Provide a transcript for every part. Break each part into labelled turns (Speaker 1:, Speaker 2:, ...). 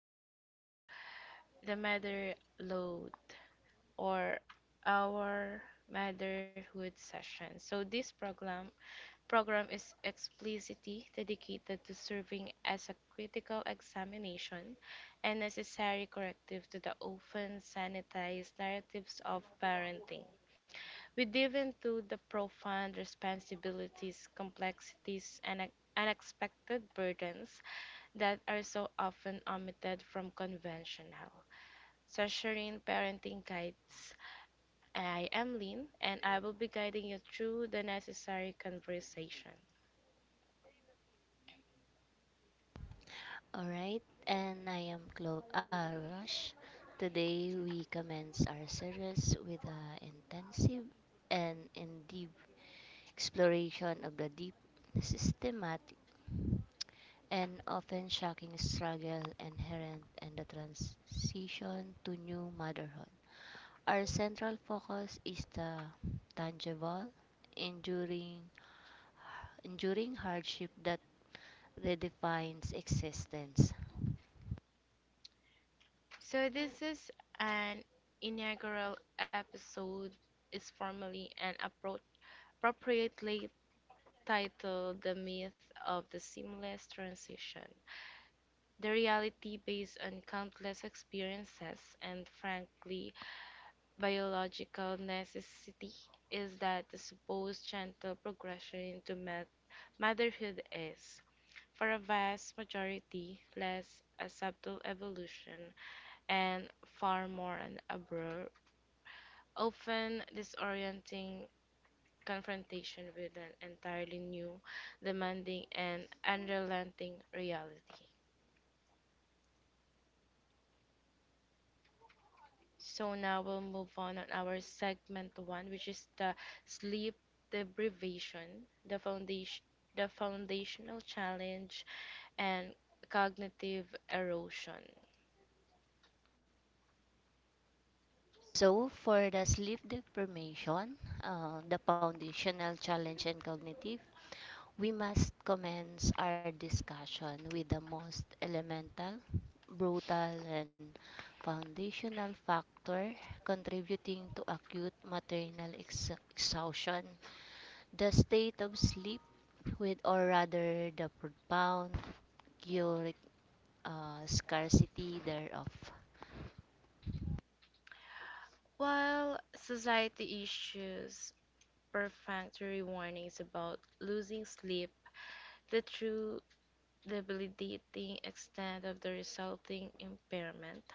Speaker 1: back to the Mother Load or our motherhood session. So this program is explicitly dedicated to serving as a critical examination and necessary corrective to the often sanitized narratives of parenting. We dive into the profound responsibilities, complexities, and unexpected burdens that are so often omitted from conventional Sasharin parenting guides. I am Lynn, and I will be guiding you through the necessary conversation.
Speaker 2: All right, and I am Clo Rush. Today we commence our series with an intensive and in deep exploration of the deep, systematic, and often shocking struggle inherent in the transition to new motherhood. Our central focus is the tangible, enduring, enduring hardship that redefines existence.
Speaker 1: So, this is an inaugural episode is formally and appropriately titled The Myth of the Seamless Transition. The reality, based on countless experiences and frankly biological necessity, is that the supposed gentle progression into motherhood is, for a vast majority, less a subtle evolution and far more an abrupt, often disorienting confrontation with an entirely new, demanding, and unrelenting reality. So now we'll move on our segment one, which is the sleep deprivation, the foundation, the foundational challenge, and cognitive erosion.
Speaker 2: So, for the sleep deprivation, the foundational challenge and cognitive, we must commence our discussion with the most elemental, brutal, and foundational factor contributing to acute maternal exhaustion, the state of sleep, with or rather the profound cure scarcity thereof.
Speaker 1: While society issues perfunctory warnings about losing sleep, the true the debilitating extent of the resulting impairment,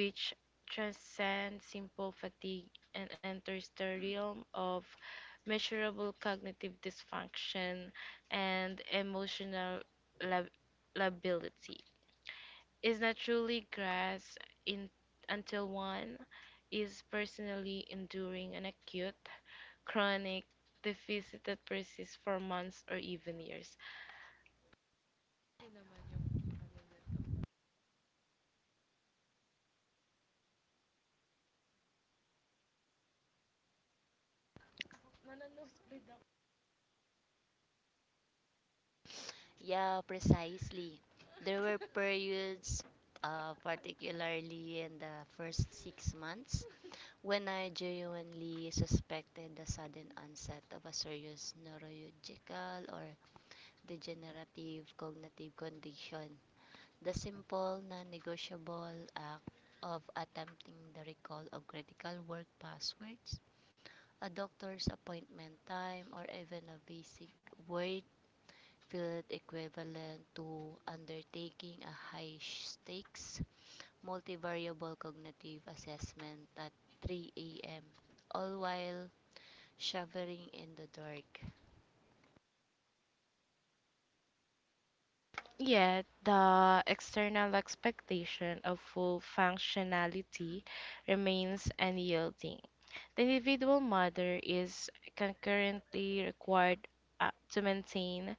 Speaker 1: which transcends simple fatigue and enters the realm of measurable cognitive dysfunction and emotional lab- lability. Is not truly grasped in- until one is personally enduring an acute, chronic deficit that persists for months or even years.
Speaker 2: Yeah, precisely. There were periods, particularly in the first 6 months, when I genuinely suspected the sudden onset of a serious neurological or degenerative cognitive condition. The simple, non negotiable act of attempting the recall of critical word passwords, a doctor's appointment time, or even a basic word field equivalent to undertaking a high-stakes multivariable cognitive assessment at 3 a.m., all while shivering in the dark.
Speaker 1: Yet, the external expectation of full functionality remains unyielding. The individual mother is concurrently required to maintain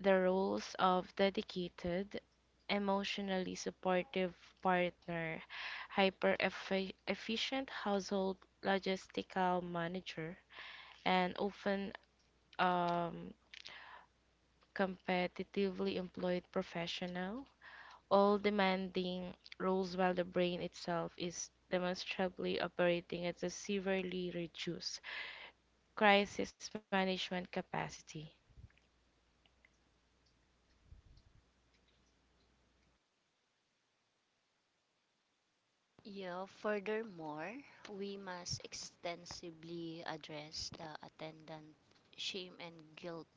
Speaker 1: the roles of dedicated, emotionally supportive partner, hyper efficient household logistical manager, and often um, competitively employed professional, all demanding roles, while the brain itself is demonstrably operating at a severely reduced crisis management capacity.
Speaker 2: Yeah, furthermore, we must extensively address the attendant shame and guilt.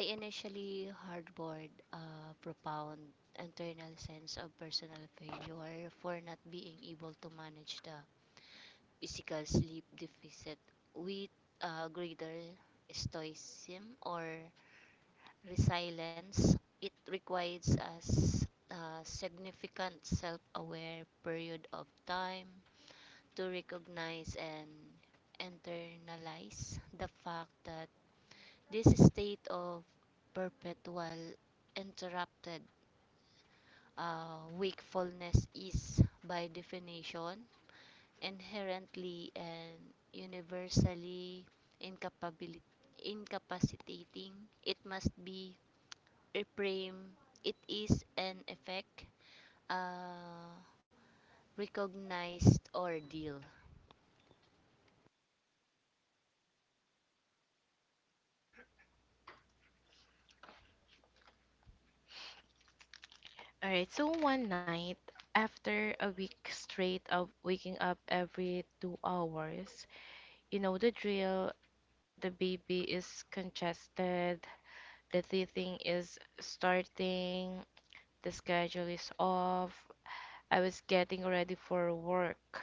Speaker 2: I initially harbored a profound internal sense of personal failure for not being able to manage the physical sleep deficit with greater stoicism or resilience. It requires us a significant self aware period of time to recognize and internalize the fact that this state of perpetual interrupted wakefulness is, by definition, inherently and universally incapabil- incapacitating. It must be reframed. It is an effect, uh, recognized ordeal.
Speaker 1: All right, so one night, after a week straight of waking up every 2 hours, the drill, the baby is congested, the teething is starting, the schedule is off. I was getting ready for work.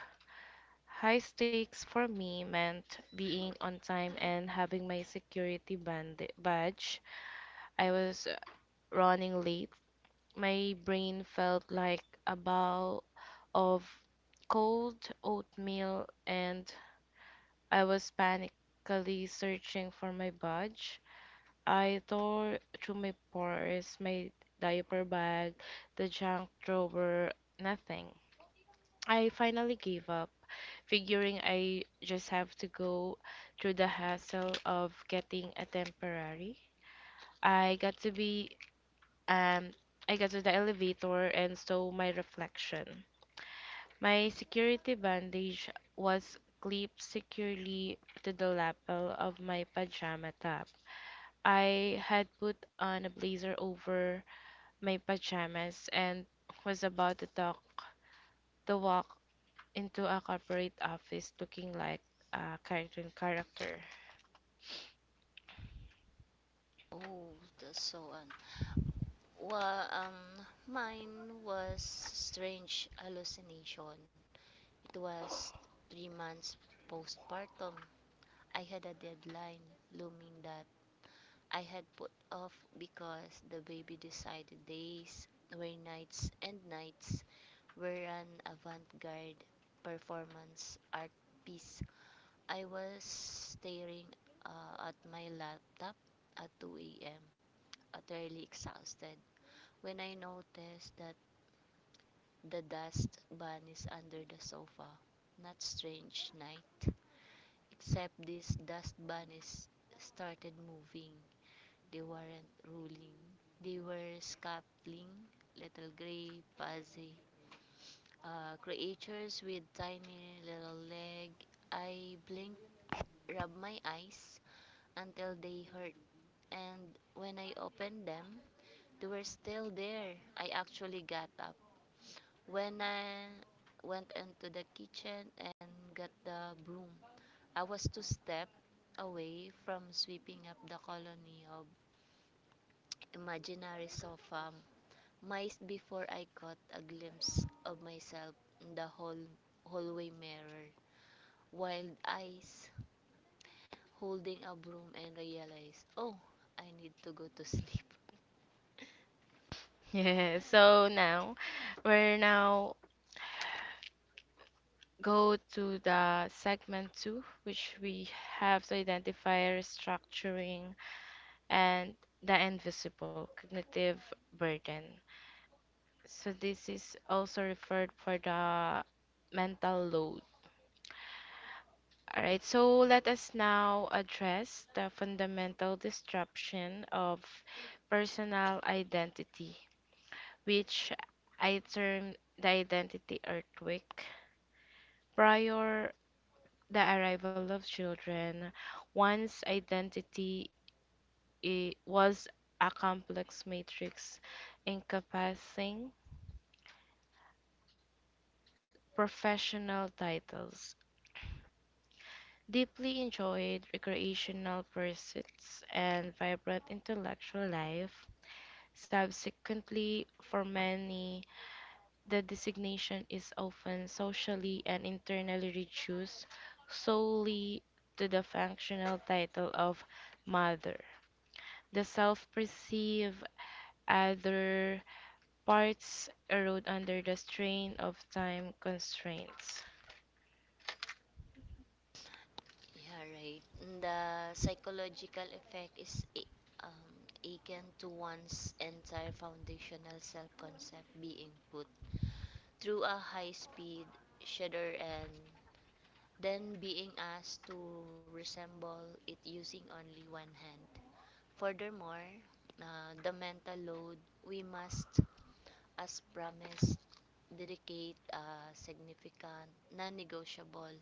Speaker 1: High stakes for me meant being on time and having my security badge. I was running late. My brain felt like a bowl of cold oatmeal, and I was panically searching for my badge. I tore through my purse, my diaper bag, the junk drawer, nothing. I finally gave up, figuring I just have to go through the hassle of getting a temporary. I got to be um I got to the elevator and saw my reflection. My security bandage was clipped securely to the lapel of my pajama top. I had put on a blazer over my pajamas and was about to talk to walk into a corporate office looking like a cartoon character.
Speaker 2: Oh, that's so un. Well, mine was strange hallucination. It was 3 months postpartum. I had a deadline looming that I had put off because the baby decided days were nights and nights were an avant garde performance art piece. I was staring at my laptop at 2 a.m., utterly exhausted, when I noticed that the dust bunnies under the sofa. Not strange night, except these dust bunnies started moving. They weren't ruling. They were scuttling, little gray, fuzzy creatures with tiny little leg. I blinked, rubbed my eyes until they hurt, and when I opened them, they were still there. I actually got up. When I went into the kitchen and got the broom, I was two steps away from sweeping up the colony of imaginary sofa miles before I caught a glimpse of myself in the hallway mirror. Wild eyes holding a broom and realized, oh, I need to go to sleep.
Speaker 1: Yeah, so now we're now go to the segment two, which we have to identify restructuring and the invisible cognitive burden. So this is also referred for the mental load. All right, so let us now address the fundamental disruption of personal identity, which I termed the identity earthquake. Prior the arrival of children, one's identity was a complex matrix encompassing professional titles, deeply enjoyed recreational pursuits, and vibrant intellectual life. Subsequently, for many, the designation is often socially and internally reduced solely to the functional title of mother. The self perceived other parts erode under the strain of time constraints.
Speaker 2: Yeah, right. The psychological effect is um, akin to one's entire foundational self concept being put through a high speed shudder and then being asked to resemble it using only one hand. Furthermore, the mental load, we must, as promised, dedicate a significant, non negotiable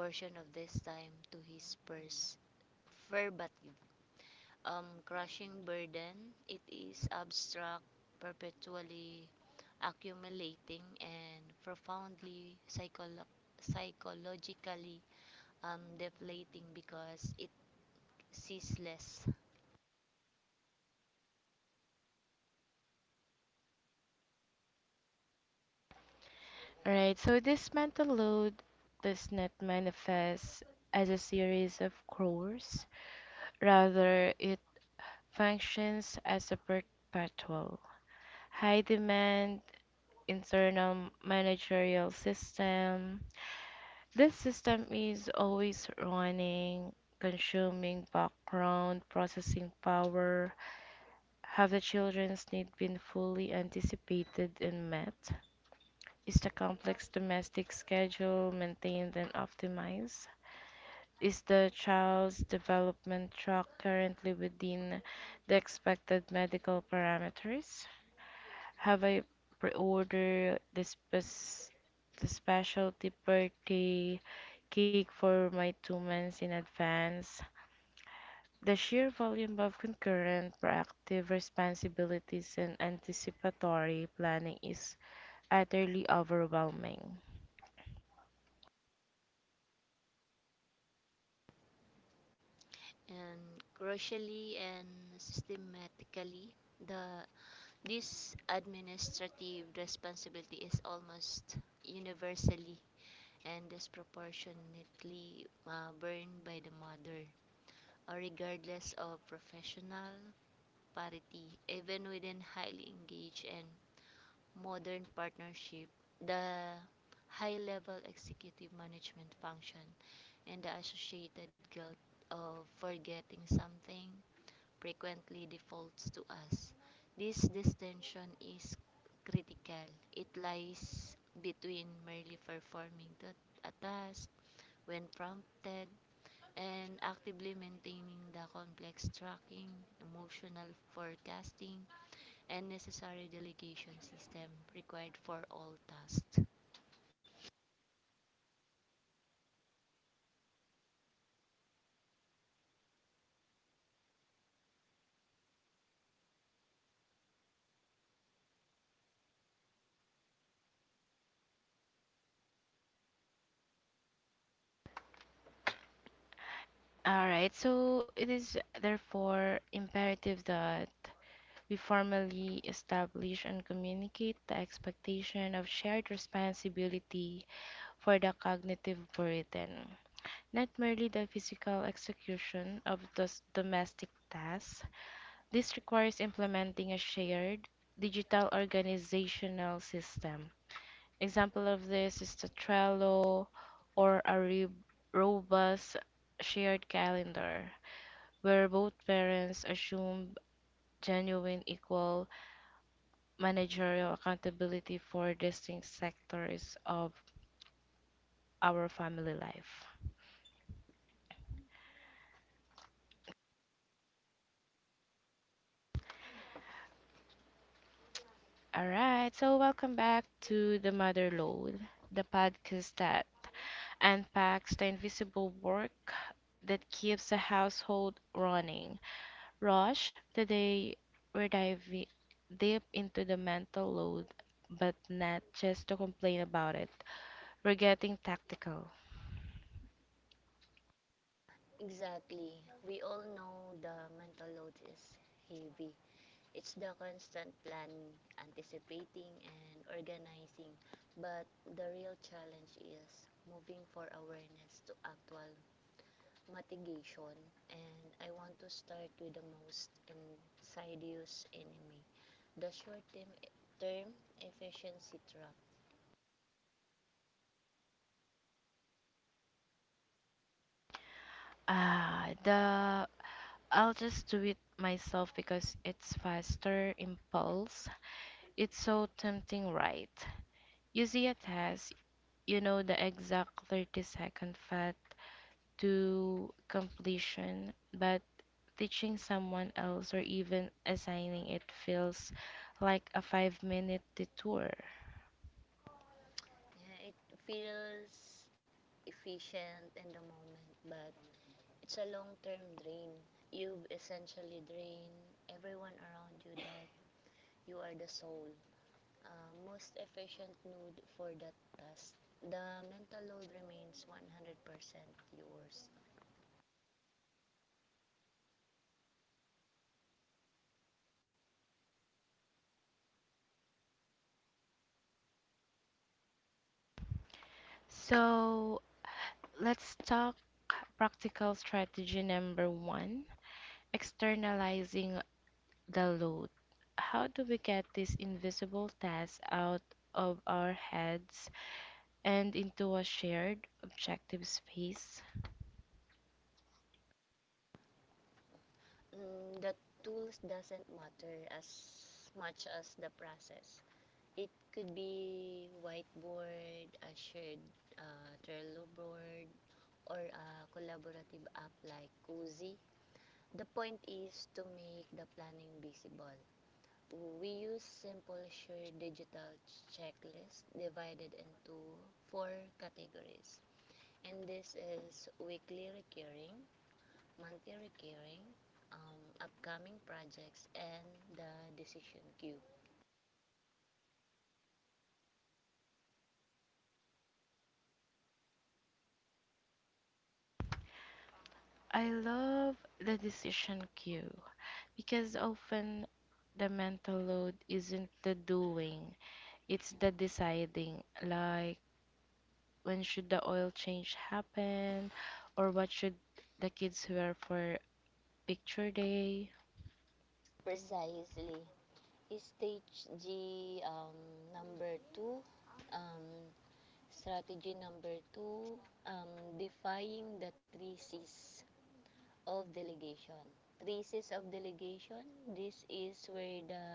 Speaker 2: portion of this time to his purse. Verbatim. Crushing burden, it is abstract, perpetually accumulating, and profoundly psychologically deflating because it ceaseless
Speaker 1: Alright, so this mental load does not manifest as a series of chores. Rather, it functions as a perpetual high demand internal managerial system. This system is always running, consuming background processing power. Have the children's need been fully anticipated and met? Is the complex domestic schedule maintained and optimized? Is the child's development track currently within the expected medical parameters? Have I pre-ordered the specialty birthday cake for my 2 months in advance? The sheer volume of concurrent, proactive responsibilities and anticipatory planning is utterly overwhelming.
Speaker 2: and gradually and systematically the this administrative responsibility is almost universally and disproportionately borne by the mother regardless of professional parity even within highly engaged and modern partnership the high level executive management function and the associated guilt of forgetting something frequently defaults to us. This distinction is critical. It lies between merely performing a task when prompted and actively maintaining the complex tracking, emotional forecasting, and necessary delegation system required for all tasks.
Speaker 1: All right, so it is therefore imperative that we formally establish and communicate the expectation of shared responsibility for the cognitive burden, not merely the physical execution of those domestic tasks. This requires implementing a shared digital organizational system. Example of this is the Trello or a robust shared calendar, where both parents assume genuine equal managerial accountability for distinct sectors of our family life. All right, so welcome back to The Mother Load, the podcast that unpacks the invisible work that keeps a household running. Rosh, today we're diving deep into the mental load, but not just to complain about it. We're getting tactical.
Speaker 2: Exactly. We all know the mental load is heavy. It's the constant planning, anticipating, and organizing. But the real challenge is moving for awareness to actual mitigation. And I want to start with the most insidious enemy, the short term efficiency trap.
Speaker 1: Ah, the I'll just do it myself because it's faster impulse. It's so tempting, right? You see a task, you know the exact 30-second path to completion, but teaching someone else or even assigning it feels like a 5-minute detour.
Speaker 2: Yeah, it feels efficient in the moment, but it's a long term drain. You've essentially drained everyone around you that you are the soul most efficient node for that task. The mental load remains 100% yours.
Speaker 1: So let's talk practical strategy number one, externalizing the load. How do we get these invisible tasks out of our heads and into a shared objective space?
Speaker 2: Mm, the tools doesn't matter as much as the process. It could be whiteboard, a shared Trello board, or a collaborative app like Cozy. The point is to make the planning visible. We use simple shared digital checklist divided into four categories. And this is weekly recurring, monthly recurring, upcoming projects, and the decision queue.
Speaker 1: I love the decision queue, because often the mental load isn't the doing, it's the deciding. Like, when should the oil change happen? Or what should the kids wear for picture day?
Speaker 2: Precisely, stage G number two, um, strategy number two, um, defying the three C's of delegation. Three C's of delegation, this is where the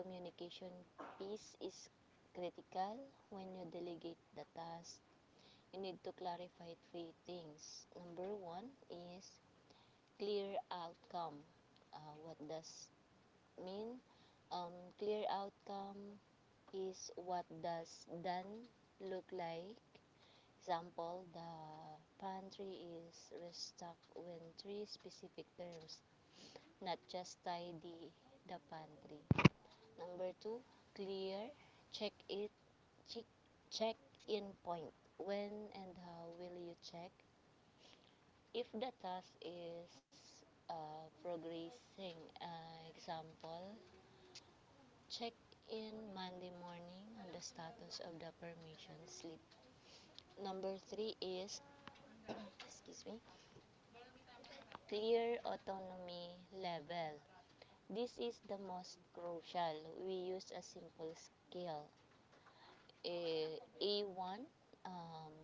Speaker 2: communication piece is critical when you delegate the task you need to clarify three things. Number one is clear outcome. What does mean? Um, Clear outcome is what does done look like. Example, the pantry is restocked when three specific terms, not just tidy the pantry. Number two, clear. Check it. Check check in point. When and how will you check if the task is progressing, example, check in Monday morning on the status of the permission slip. Number three is, excuse me, clear autonomy level. This is the most crucial. We use a simple scale. A, A1, um,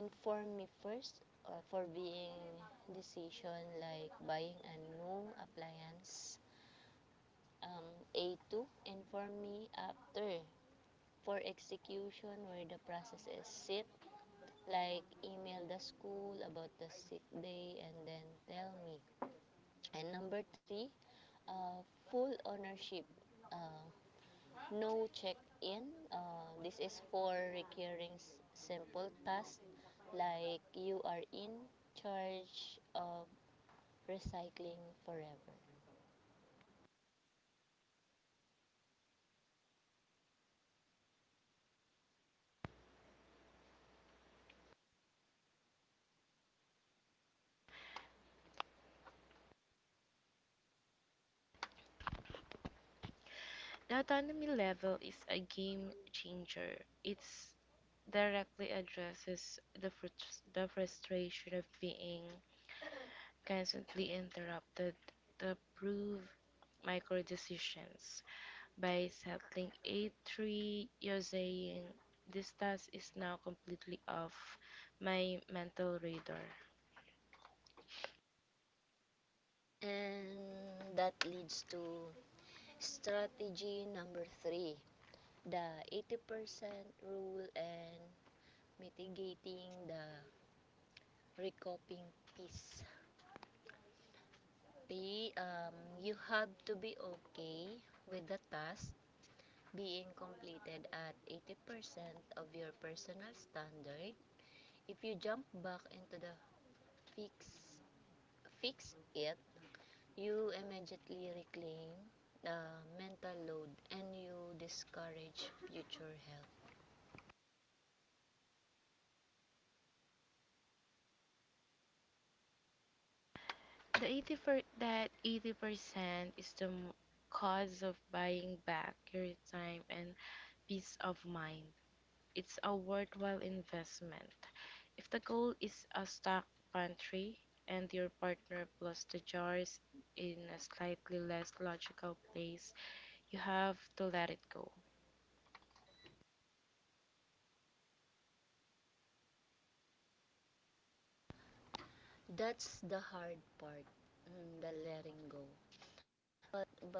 Speaker 2: inform me first for being decision like buying a new appliance, A2 inform me after for execution where the process is sit like email the school about the sick day and then tell me, and number three, uh, full ownership, uh, no check-in, uh, this is for recurring simple tasks like you are in charge of recycling forever.
Speaker 1: The autonomy level is a game changer. It's directly addresses the frustration of being constantly interrupted to prove micro decisions by settling A3. You're saying this task is now completely off my mental radar.
Speaker 2: And that leads to strategy number three, the 80% rule and mitigating the recouping piece. You have to be okay with the task being completed at 80% of your personal standard. If you jump back into the fix, fix it, you immediately reclaim the mental load and you discourage future help.
Speaker 1: The 80 per- that 80% is the cause of buying back your time and peace of mind. It's a worthwhile investment. If the goal is a stock pantry and your partner plus the jars in a slightly less logical place, you have to let it go.
Speaker 2: That's the hard part, the letting go. But by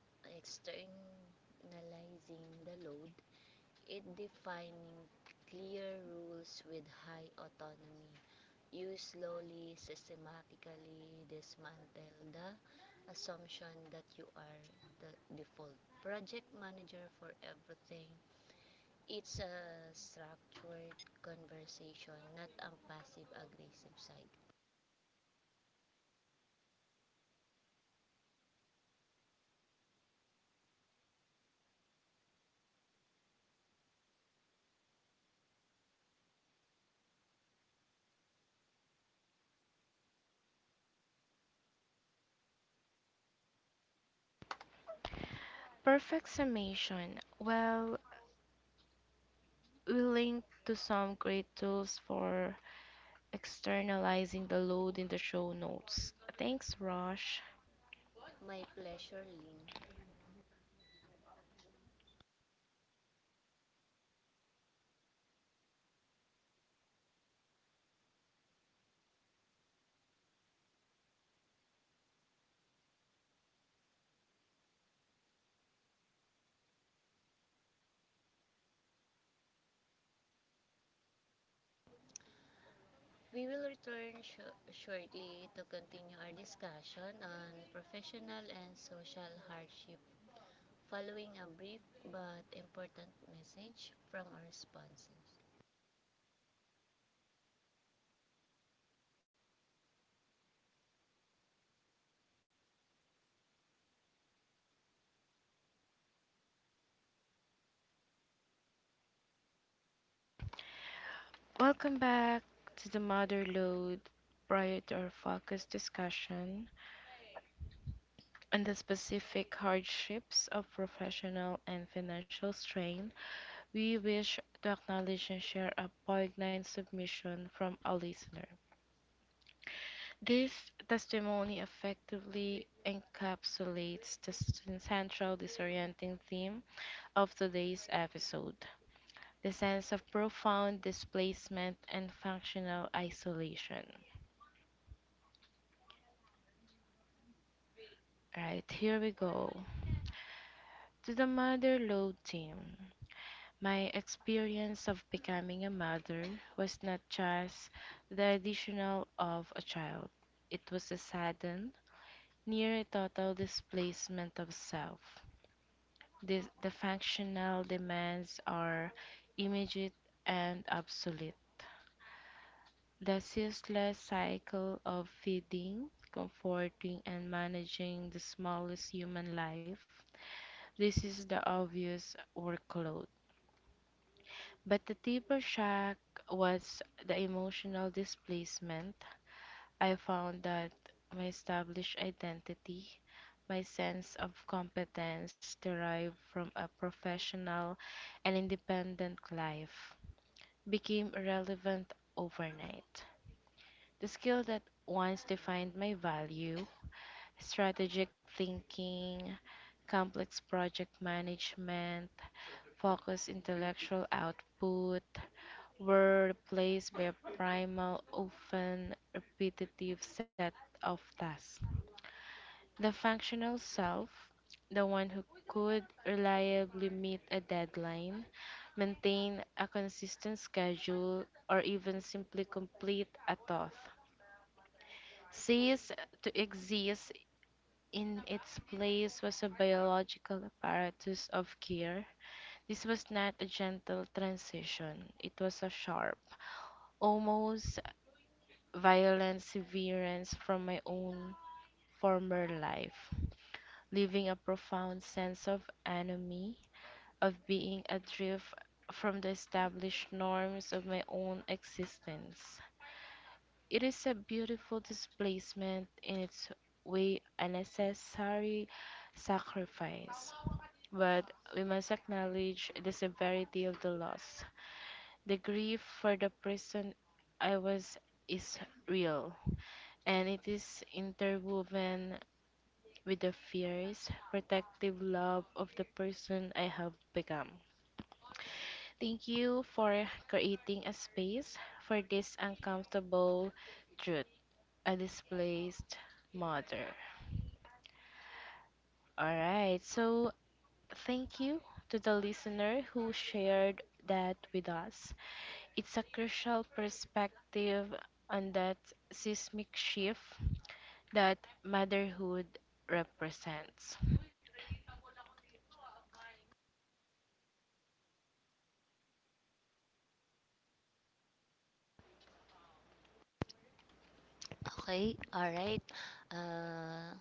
Speaker 2: externalizing the load, it defining clear rules with high autonomy, you slowly, systematically dismantle the assumption that you are the default project manager for everything. It's a structured conversation, not a passive aggressive side.
Speaker 1: Perfect summation. Well, we link to some great tools for externalizing the load in the show notes. Thanks, Rosh.
Speaker 2: My pleasure lean. We will return shortly to continue our discussion on professional and social hardship following a brief but important message from our sponsors.
Speaker 1: Welcome back to The Mother Load. Prior to our focus discussion and the specific hardships of professional and financial strain, we wish to acknowledge and share a poignant submission from a listener. This testimony effectively encapsulates the central disorienting theme of today's episode, the sense of profound displacement and functional isolation. Right, here we go. To the Mother Lode team, my experience of becoming a mother was not just the addition of a child, it was a sudden, near total displacement of self. The functional demands are immediate and absolute. The ceaseless cycle of feeding, comforting, and managing the smallest human life. This is the obvious workload. But the deeper shock was the emotional displacement. I found that my established identity, my sense of competence derived from a professional and independent life, became irrelevant overnight. The skill that once defined my value, strategic thinking, complex project management, focused intellectual output, were replaced by a primal, often repetitive set of tasks. The functional self, the one who could reliably meet a deadline, maintain a consistent schedule, or even simply complete a task, ceased to exist. In its place was a biological apparatus of care. This was not a gentle transition, it was a sharp, almost violent severance from my own former life, leaving a profound sense of enemy, of being adrift from the established norms of my own existence. It is a beautiful displacement in its way, a necessary sacrifice. But we must acknowledge the severity of the loss. The grief for the person I was is real, and it is interwoven with the fierce, protective love of the person I have become. Thank you for creating a space for this uncomfortable truth, a displaced mother. All right. So, thank you to the listener who shared that with us. It's a crucial perspective on that seismic shift that motherhood represents.
Speaker 2: Okay, alright. Uh,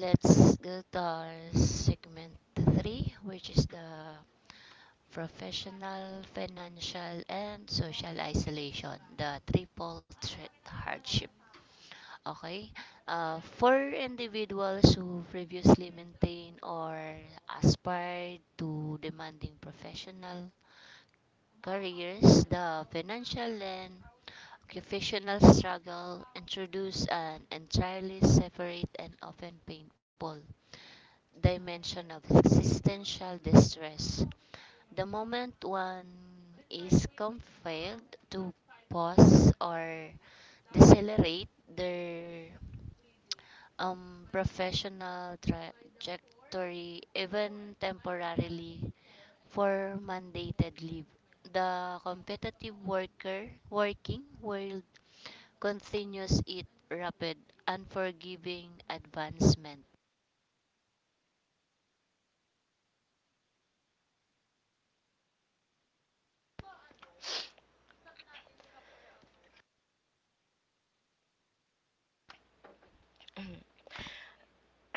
Speaker 2: let's go to our segment 3, which is the professional, financial, and social isolation, the triple threat hardship. Okay. For individuals who previously maintained or aspired to demanding professional careers, the financial and occupational struggle introduced an entirely separate and often painful dimension of existential distress. The moment one is compelled to pause or decelerate their professional trajectory, even temporarily, for mandated leave. The competitive worker working world continues its rapid, unforgiving advancement.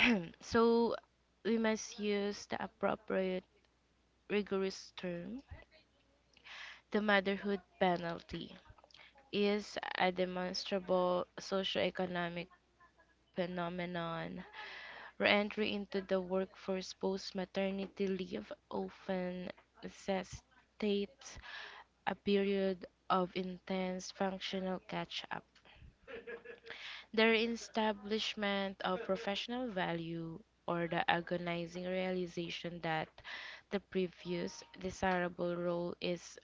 Speaker 1: So, we must use the appropriate rigorous term. The motherhood penalty is a demonstrable socioeconomic phenomenon. Re-entry into the workforce post-maternity leave often necessitates a period of intense functional catch-up. The reestablishment of professional value, or the agonizing realization that the previous desirable role is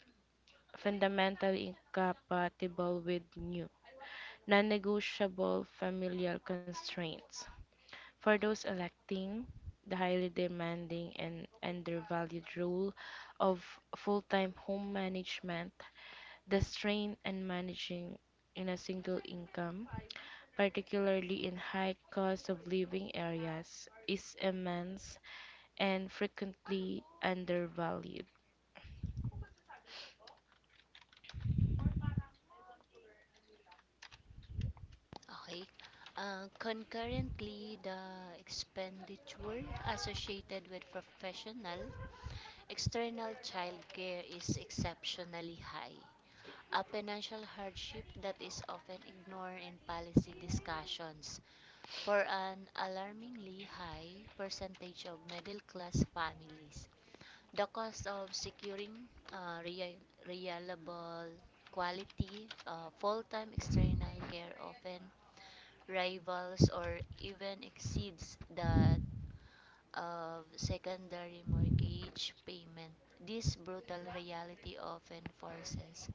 Speaker 1: fundamentally incompatible with new, non negotiable familial constraints. For those electing the highly demanding and undervalued role of full time home management, the strain and managing in a single income, particularly in high cost of living areas, is immense and frequently undervalued.
Speaker 2: Okay. Concurrently, the expenditure associated with professional external childcare is exceptionally high, a financial hardship that is often ignored in policy discussions for an alarmingly high percentage of middle class families. The cost of securing uh, rea- reliable quality full-time external care often rivals or even exceeds that of secondary mortgage payment. This brutal reality often forces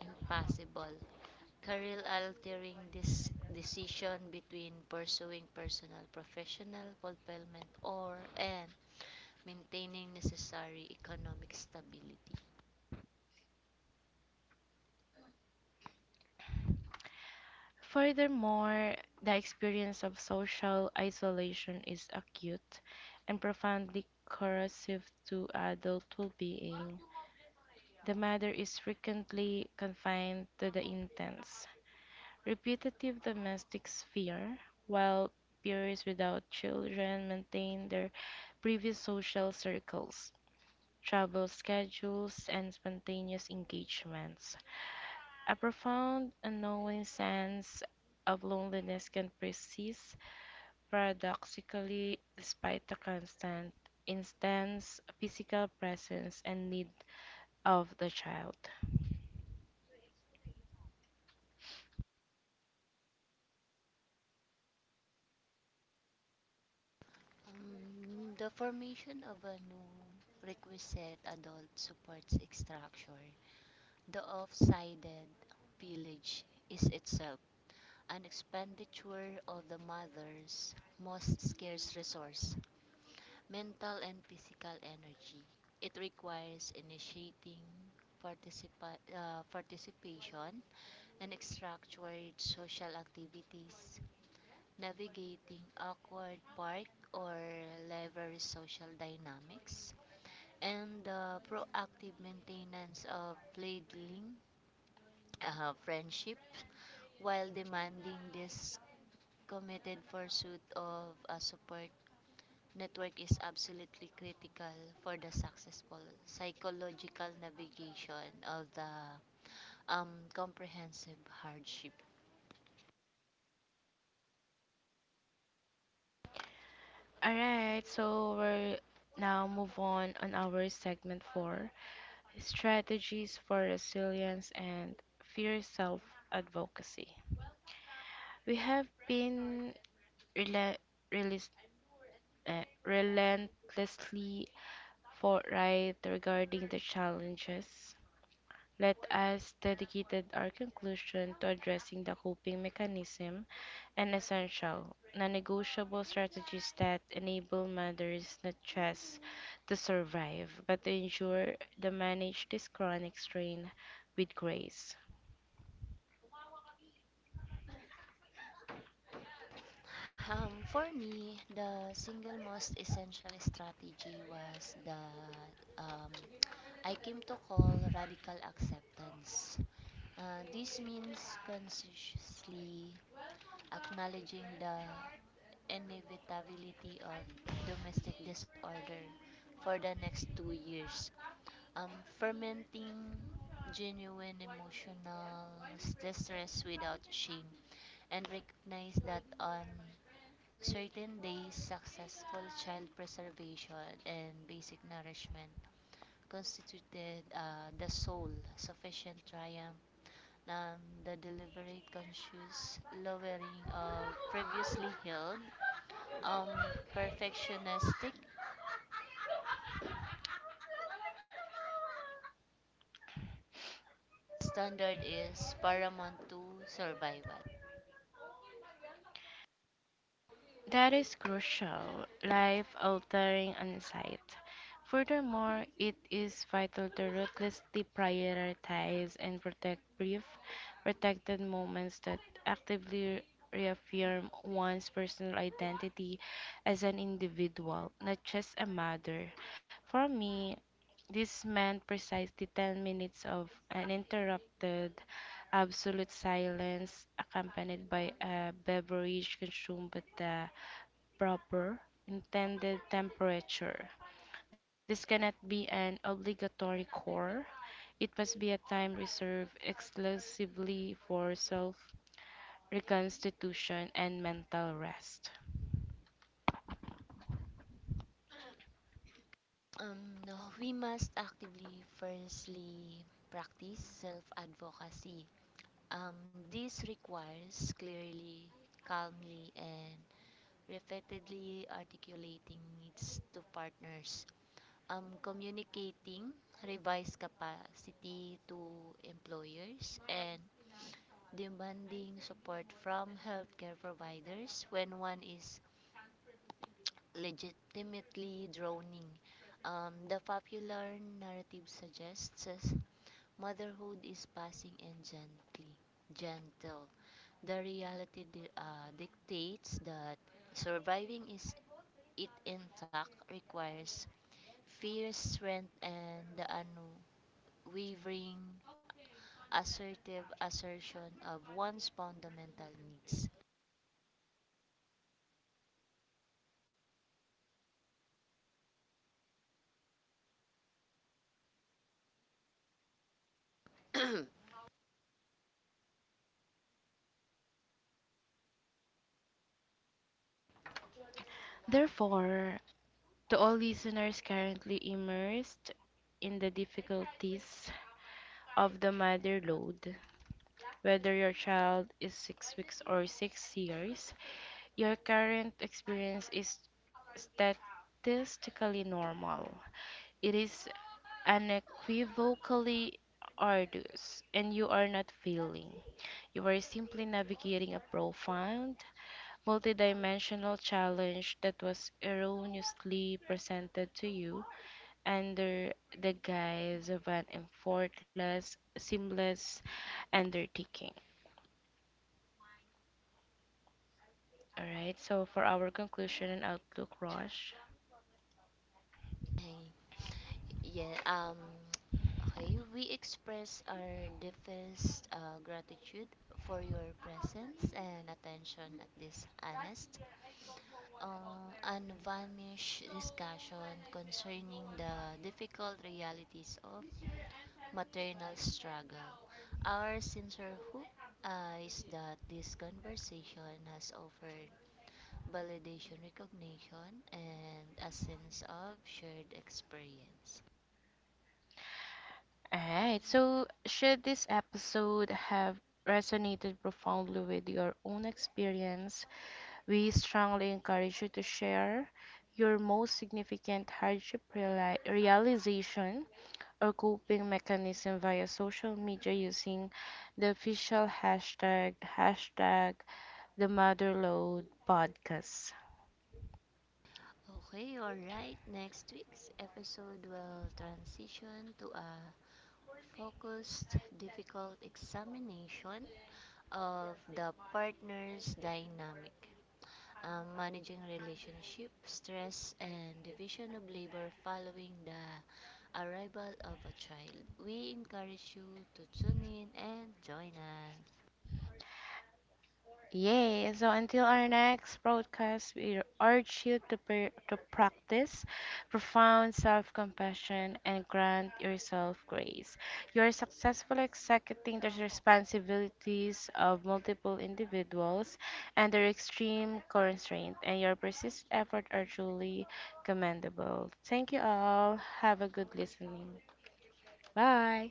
Speaker 2: impossible career altering this decision between pursuing personal professional fulfillment or and maintaining necessary economic stability.
Speaker 1: Furthermore, the experience of social isolation is acute and profoundly corrosive to adult well being. The matter is frequently confined to the intense, repetitive domestic sphere, while peers without children maintain their previous social circles, travel schedules, and spontaneous engagements. A profound, unknowing sense of loneliness can persist paradoxically despite the constant, intense physical presence and need of the child.
Speaker 2: The formation of a new requisite adult support structure, the off-sided village is itself an expenditure of the mother's most scarce resource, mental and physical energy. It requires initiating participation and structured social activities, navigating awkward park or library social dynamics, and the proactive maintenance of fledgling friendships while demanding this committed pursuit of a support network is absolutely critical for the successful psychological navigation of the comprehensive hardship.
Speaker 1: Alright, so we're now move on our segment four, strategies for resilience and fear self advocacy. We have been rela- relis- relentlessly For right regarding the challenges. Let us dedicated our conclusion to addressing the coping mechanism and essential, non-negotiable strategies that enable mothers not just to survive, but to ensure they manage this chronic strain with grace.
Speaker 2: For me, the single most essential strategy was the um, I came to call radical acceptance. This means consciously acknowledging the inevitability of domestic disorder for the next 2 years. Um, Fermenting genuine emotional distress without shame, and recognize that on certain days, successful child preservation and basic nourishment constituted the sole sufficient triumph than the deliberate conscious lowering of previously held um, perfectionistic standard is paramount to survival.
Speaker 1: That is crucial, life altering insight. Furthermore, it is vital to ruthlessly prioritize and protect brief, protected moments that actively reaffirm one's personal identity as an individual, not just a mother. For me, this meant precisely 10 minutes of uninterrupted absolute silence accompanied by a beverage consumed at the proper intended temperature. This cannot be an obligatory core. It must be a time reserved exclusively for self reconstitution and mental rest.
Speaker 2: No, we must actively firstly practice self advocacy. Um, this requires clearly, calmly, and repeatedly articulating needs to partners. Communicating revised capacity to employers and demanding support from healthcare providers when one is legitimately drowning. The popular narrative suggests us motherhood is passing and gentle. The reality dictates that surviving is it intact requires fierce strength and the unwavering assertive assertion of one's fundamental needs.
Speaker 1: Therefore, to all listeners currently immersed in the difficulties of the mother load, whether your child is 6 weeks or 6 years, your current experience is statistically normal. It is unequivocally arduous, and you are not failing. You are simply navigating a profound, multidimensional challenge that was erroneously presented to you under the guise of an effortless, seamless undertaking. All right, so for our conclusion and outlook, Rush.
Speaker 2: Yeah. Okay. We express our deepest gratitude for your presence and attention at this honest, unvarnished discussion concerning the difficult realities of maternal struggle. Our sincere hope is that this conversation has offered validation, recognition, and a sense of shared experience.
Speaker 1: All right, so should this episode have resonated profoundly with your own experience, we strongly encourage you to share your most significant hardship realization or coping mechanism via social media using the official hashtag the motherload podcast.
Speaker 2: Okay, alright. Next week's episode will transition to a focused, difficult examination of the partner's dynamic, managing relationship, stress, and division of labor following the arrival of a child. We encourage you to tune in and join us.
Speaker 1: Yay! So until our next broadcast, we urge you to, practice profound self compassion and grant yourself grace. You are successfully executing the responsibilities of multiple individuals under extreme constraint, and your persistent effort are truly commendable. Thank you all. Have a good listening. Bye.